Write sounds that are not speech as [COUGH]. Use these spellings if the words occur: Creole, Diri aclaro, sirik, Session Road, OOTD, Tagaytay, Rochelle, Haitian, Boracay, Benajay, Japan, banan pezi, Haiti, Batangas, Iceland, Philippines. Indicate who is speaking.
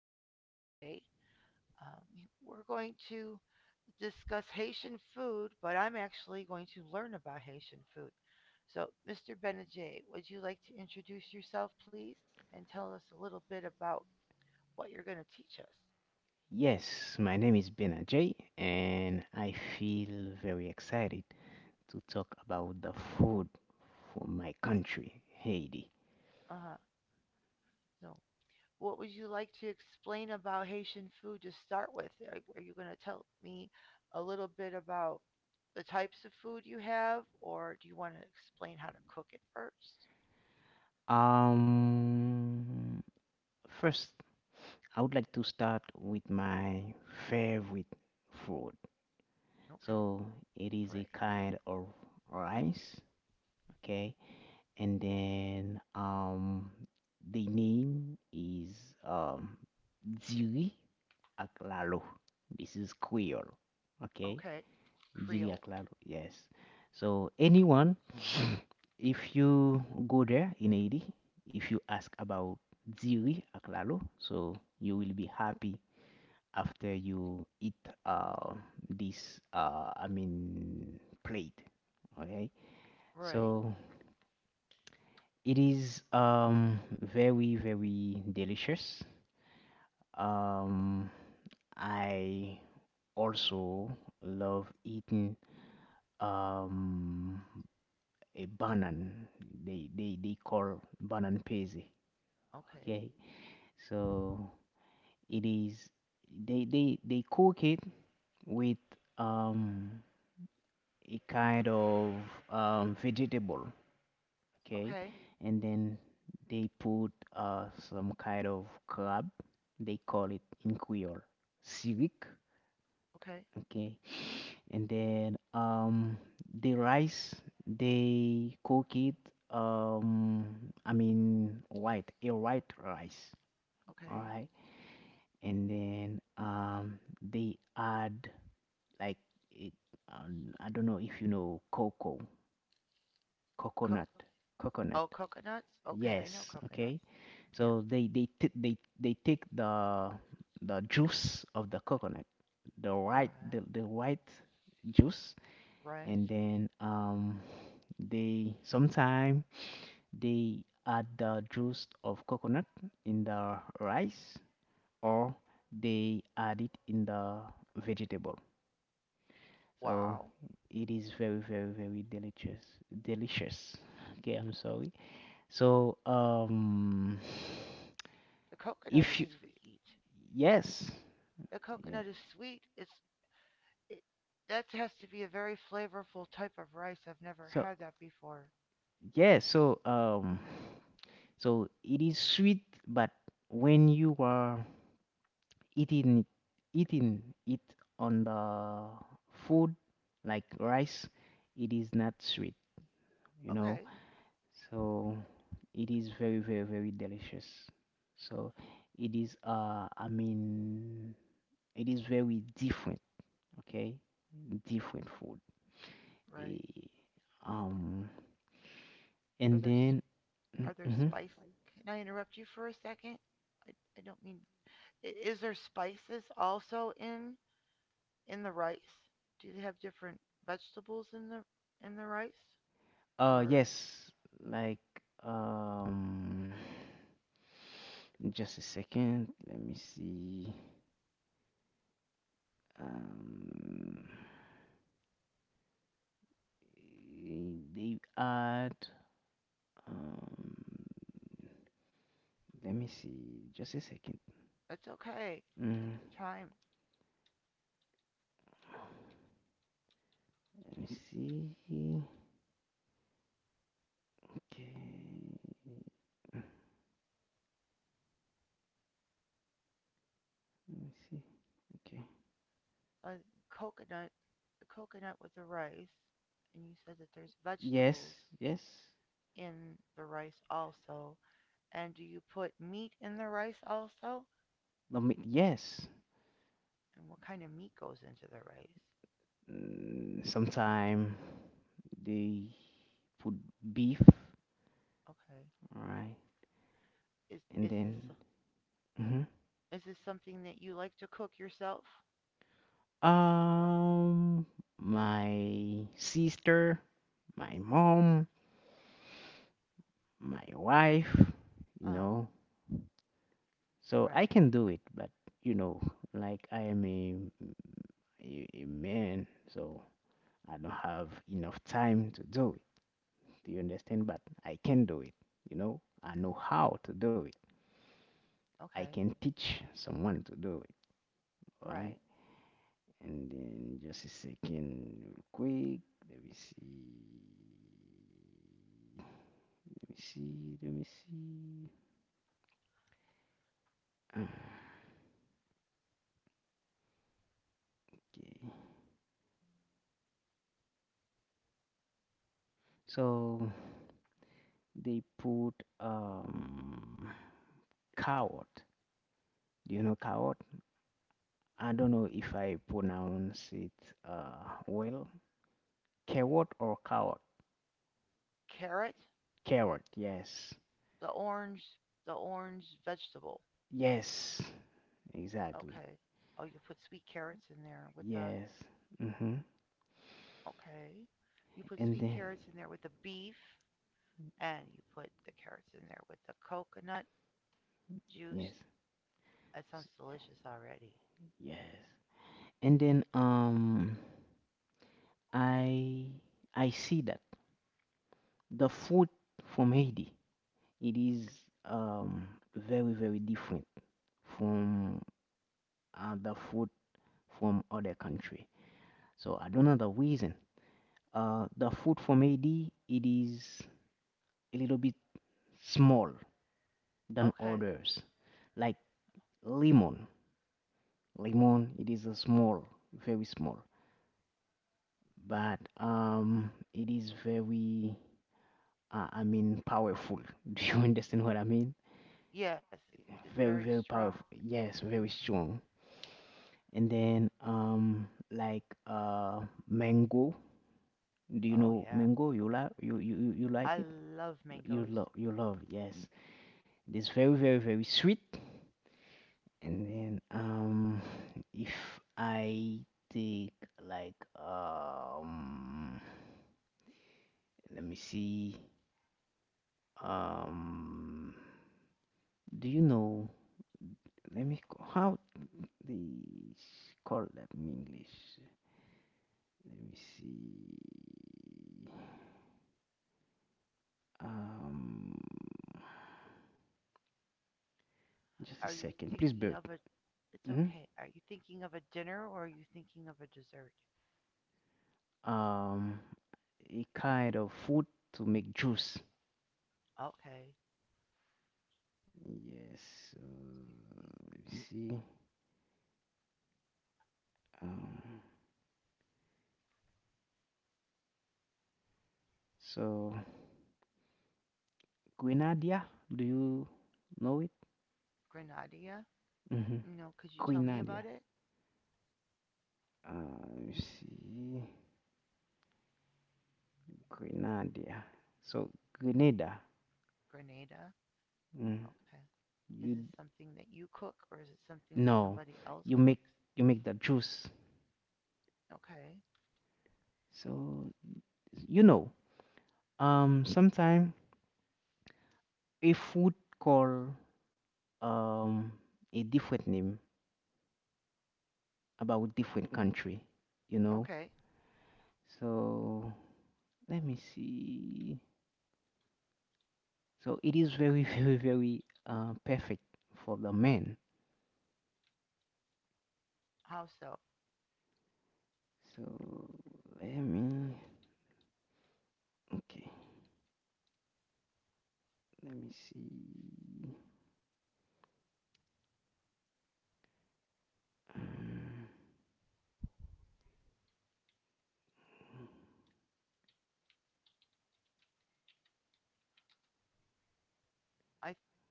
Speaker 1: Mr. Benajay. Um, we're going to discuss Haitian food, but I'm actually going to learn about Haitian food. So, Mr. Benajay, would you like to introduce yourself, please, and tell us a little bit about what you're going to teach us?
Speaker 2: Yes, my name is Benajay, and I feel very excited to talk about the food from my country, Haiti.
Speaker 1: Uh huh. No. What would you like to explain about Haitian food to start with? Are you going to tell me a little bit about the types of food you have, or do you want to explain how to cook it first?
Speaker 2: Um, First, I would like to start with my favorite food.
Speaker 1: Okay,
Speaker 2: So it is a
Speaker 1: great.
Speaker 2: kind of rice, okay? And then the name is um, dziri, aclaro. This is Creole. Okay?
Speaker 1: Okay.
Speaker 2: Diri
Speaker 1: Creole.
Speaker 2: aclaro. Yes. So, anyone, if you go there in Haiti, if you ask about Diri aclaro, so you will be happy after you eat uh, this, plate. Okay?
Speaker 1: Right.
Speaker 2: So, it is very, very delicious. Um, I also love eating um a banan. They call banan pezi.
Speaker 1: Okay.
Speaker 2: Okay, so it is they cook it with um a kind of vegetable. Okay,
Speaker 1: Okay.
Speaker 2: and then they put some kind of crab. They call it in Creole sirik.
Speaker 1: Okay.
Speaker 2: Okay, and then the rice they cook it um white a white rice, all
Speaker 1: Okay.
Speaker 2: right. And then they add, like it, I don't know if you know cocoa
Speaker 1: Co-
Speaker 2: coconut.
Speaker 1: oh,
Speaker 2: Coconut,
Speaker 1: coconuts? Okay, I
Speaker 2: yes,
Speaker 1: know
Speaker 2: okay.
Speaker 1: coconuts.
Speaker 2: So
Speaker 1: Yep.
Speaker 2: they take the juice of the coconut, the white,
Speaker 1: Right.
Speaker 2: the white juice. And
Speaker 1: Right.
Speaker 2: then they sometime they add the juice of coconut in the rice, or they add it in the vegetable. So
Speaker 1: Wow.
Speaker 2: it is very, very, very delicious. delicious okay, I'm sorry. So
Speaker 1: The coconut
Speaker 2: if
Speaker 1: is
Speaker 2: you,
Speaker 1: sweet.
Speaker 2: yes,
Speaker 1: The
Speaker 2: yeah.
Speaker 1: coconut is sweet. It's, it, that has to be a very flavorful type of rice. I've never
Speaker 2: So
Speaker 1: had that before.
Speaker 2: yeah, so so it is sweet, but when you are eating it, eating it on the food, like rice, it is not sweet, you know.
Speaker 1: Okay,
Speaker 2: So it is very, very, very delicious. So it is it is very different, okay, different food.
Speaker 1: right.
Speaker 2: Eh, um
Speaker 1: Do
Speaker 2: and
Speaker 1: others,
Speaker 2: then mm,
Speaker 1: are there
Speaker 2: mhm.
Speaker 1: spice? Can I interrupt you for a second? I, I don't mean. Is there spices also in the rice? Do they have different vegetables in the rice? Or
Speaker 2: Yes, like um just a second, let me see. Um, they add. Um, let me see. Just a second.
Speaker 1: it's okay. Take
Speaker 2: Mm,
Speaker 1: your time.
Speaker 2: let me see. Okay. Let me see. Okay.
Speaker 1: A coconut, a coconut with the rice, and you said that there's vegetables
Speaker 2: Yes. Yes.
Speaker 1: in the rice also. And do you put meat in the rice also?
Speaker 2: No, me- Yes.
Speaker 1: And what kind of meat goes into the rice?
Speaker 2: Mm, sometime they put beef.
Speaker 1: Okay.
Speaker 2: Right.
Speaker 1: Is
Speaker 2: And
Speaker 1: is this,
Speaker 2: then. Mhm.
Speaker 1: is this something that you like to cook yourself?
Speaker 2: Um, my sister, my mom, my wife, you
Speaker 1: Uh-huh.
Speaker 2: know. So I
Speaker 1: Right.
Speaker 2: can do it, but you know, like I am a man, so I don't have enough time to do it. Do you understand? But I can do it, you know? I know how to do it. I
Speaker 1: Okay.
Speaker 2: can teach someone to do it, all
Speaker 1: Right.
Speaker 2: right? And then just a second, real quick. Let me see. Let me see. Let me see. Okay. So they put um coward. Do you know coward? I don't know if I pronounce it well. Carrot or carrot?
Speaker 1: Carrot,
Speaker 2: Carrot, yes.
Speaker 1: the orange, the orange vegetable.
Speaker 2: Yes, exactly.
Speaker 1: Okay. Oh, you put sweet carrots in there with the,
Speaker 2: Yes. Mm-hmm.
Speaker 1: okay. You put
Speaker 2: And
Speaker 1: sweet
Speaker 2: then,
Speaker 1: carrots in there with the beef and you put the carrots in there with the coconut juice.
Speaker 2: yes,
Speaker 1: That sounds
Speaker 2: s-
Speaker 1: delicious already.
Speaker 2: yes. And then, I I see that the food from Haiti, it is um very, very different from the food from other country. So I don't know the reason. The food from Haiti, it is a little bit small than
Speaker 1: Okay.
Speaker 2: others. Like lemon. Lemon, it is a small, very small. But it is very, powerful. [LAUGHS] Do you understand what I mean?
Speaker 1: Yes, it's
Speaker 2: Very,
Speaker 1: very
Speaker 2: very
Speaker 1: strong.
Speaker 2: powerful. Yes, very
Speaker 1: Hmm.
Speaker 2: strong. And then like mango. Do you
Speaker 1: Oh
Speaker 2: know
Speaker 1: yeah,
Speaker 2: mango? You like, you
Speaker 1: I
Speaker 2: like it?
Speaker 1: love
Speaker 2: You
Speaker 1: mangoes.
Speaker 2: love, you love. Yes, it is very, very, very sweet. And then if I take, like, um let me see, um do you know, how they call that in English? Let me see, um just a
Speaker 1: Are you
Speaker 2: second. Please bear
Speaker 1: thinking
Speaker 2: with-
Speaker 1: of a? It's
Speaker 2: mhm.
Speaker 1: okay. Are you thinking of a dinner or are you thinking of a dessert?
Speaker 2: Um a kind of food to make juice.
Speaker 1: Okay.
Speaker 2: Yes, so
Speaker 1: So you're think-
Speaker 2: let me see. Um so Grenada. Do you know it?
Speaker 1: Grenadilla?
Speaker 2: Hmm.
Speaker 1: No. Could you tell me about
Speaker 2: Grenada.
Speaker 1: it?
Speaker 2: Let me see. Grenada. So Grenada.
Speaker 1: Grenada.
Speaker 2: Mm.
Speaker 1: Okay. Is
Speaker 2: You
Speaker 1: this something that you cook or is it something that
Speaker 2: no.
Speaker 1: somebody else
Speaker 2: You make
Speaker 1: cooks?
Speaker 2: you make the juice.
Speaker 1: Okay.
Speaker 2: So you know. Sometime a food call um a different name about different country. You know.
Speaker 1: Okay.
Speaker 2: So let me see. So it is very [LAUGHS] very, very perfect for the men.
Speaker 1: How so?
Speaker 2: So let me, okay. Let me see. Um,
Speaker 1: I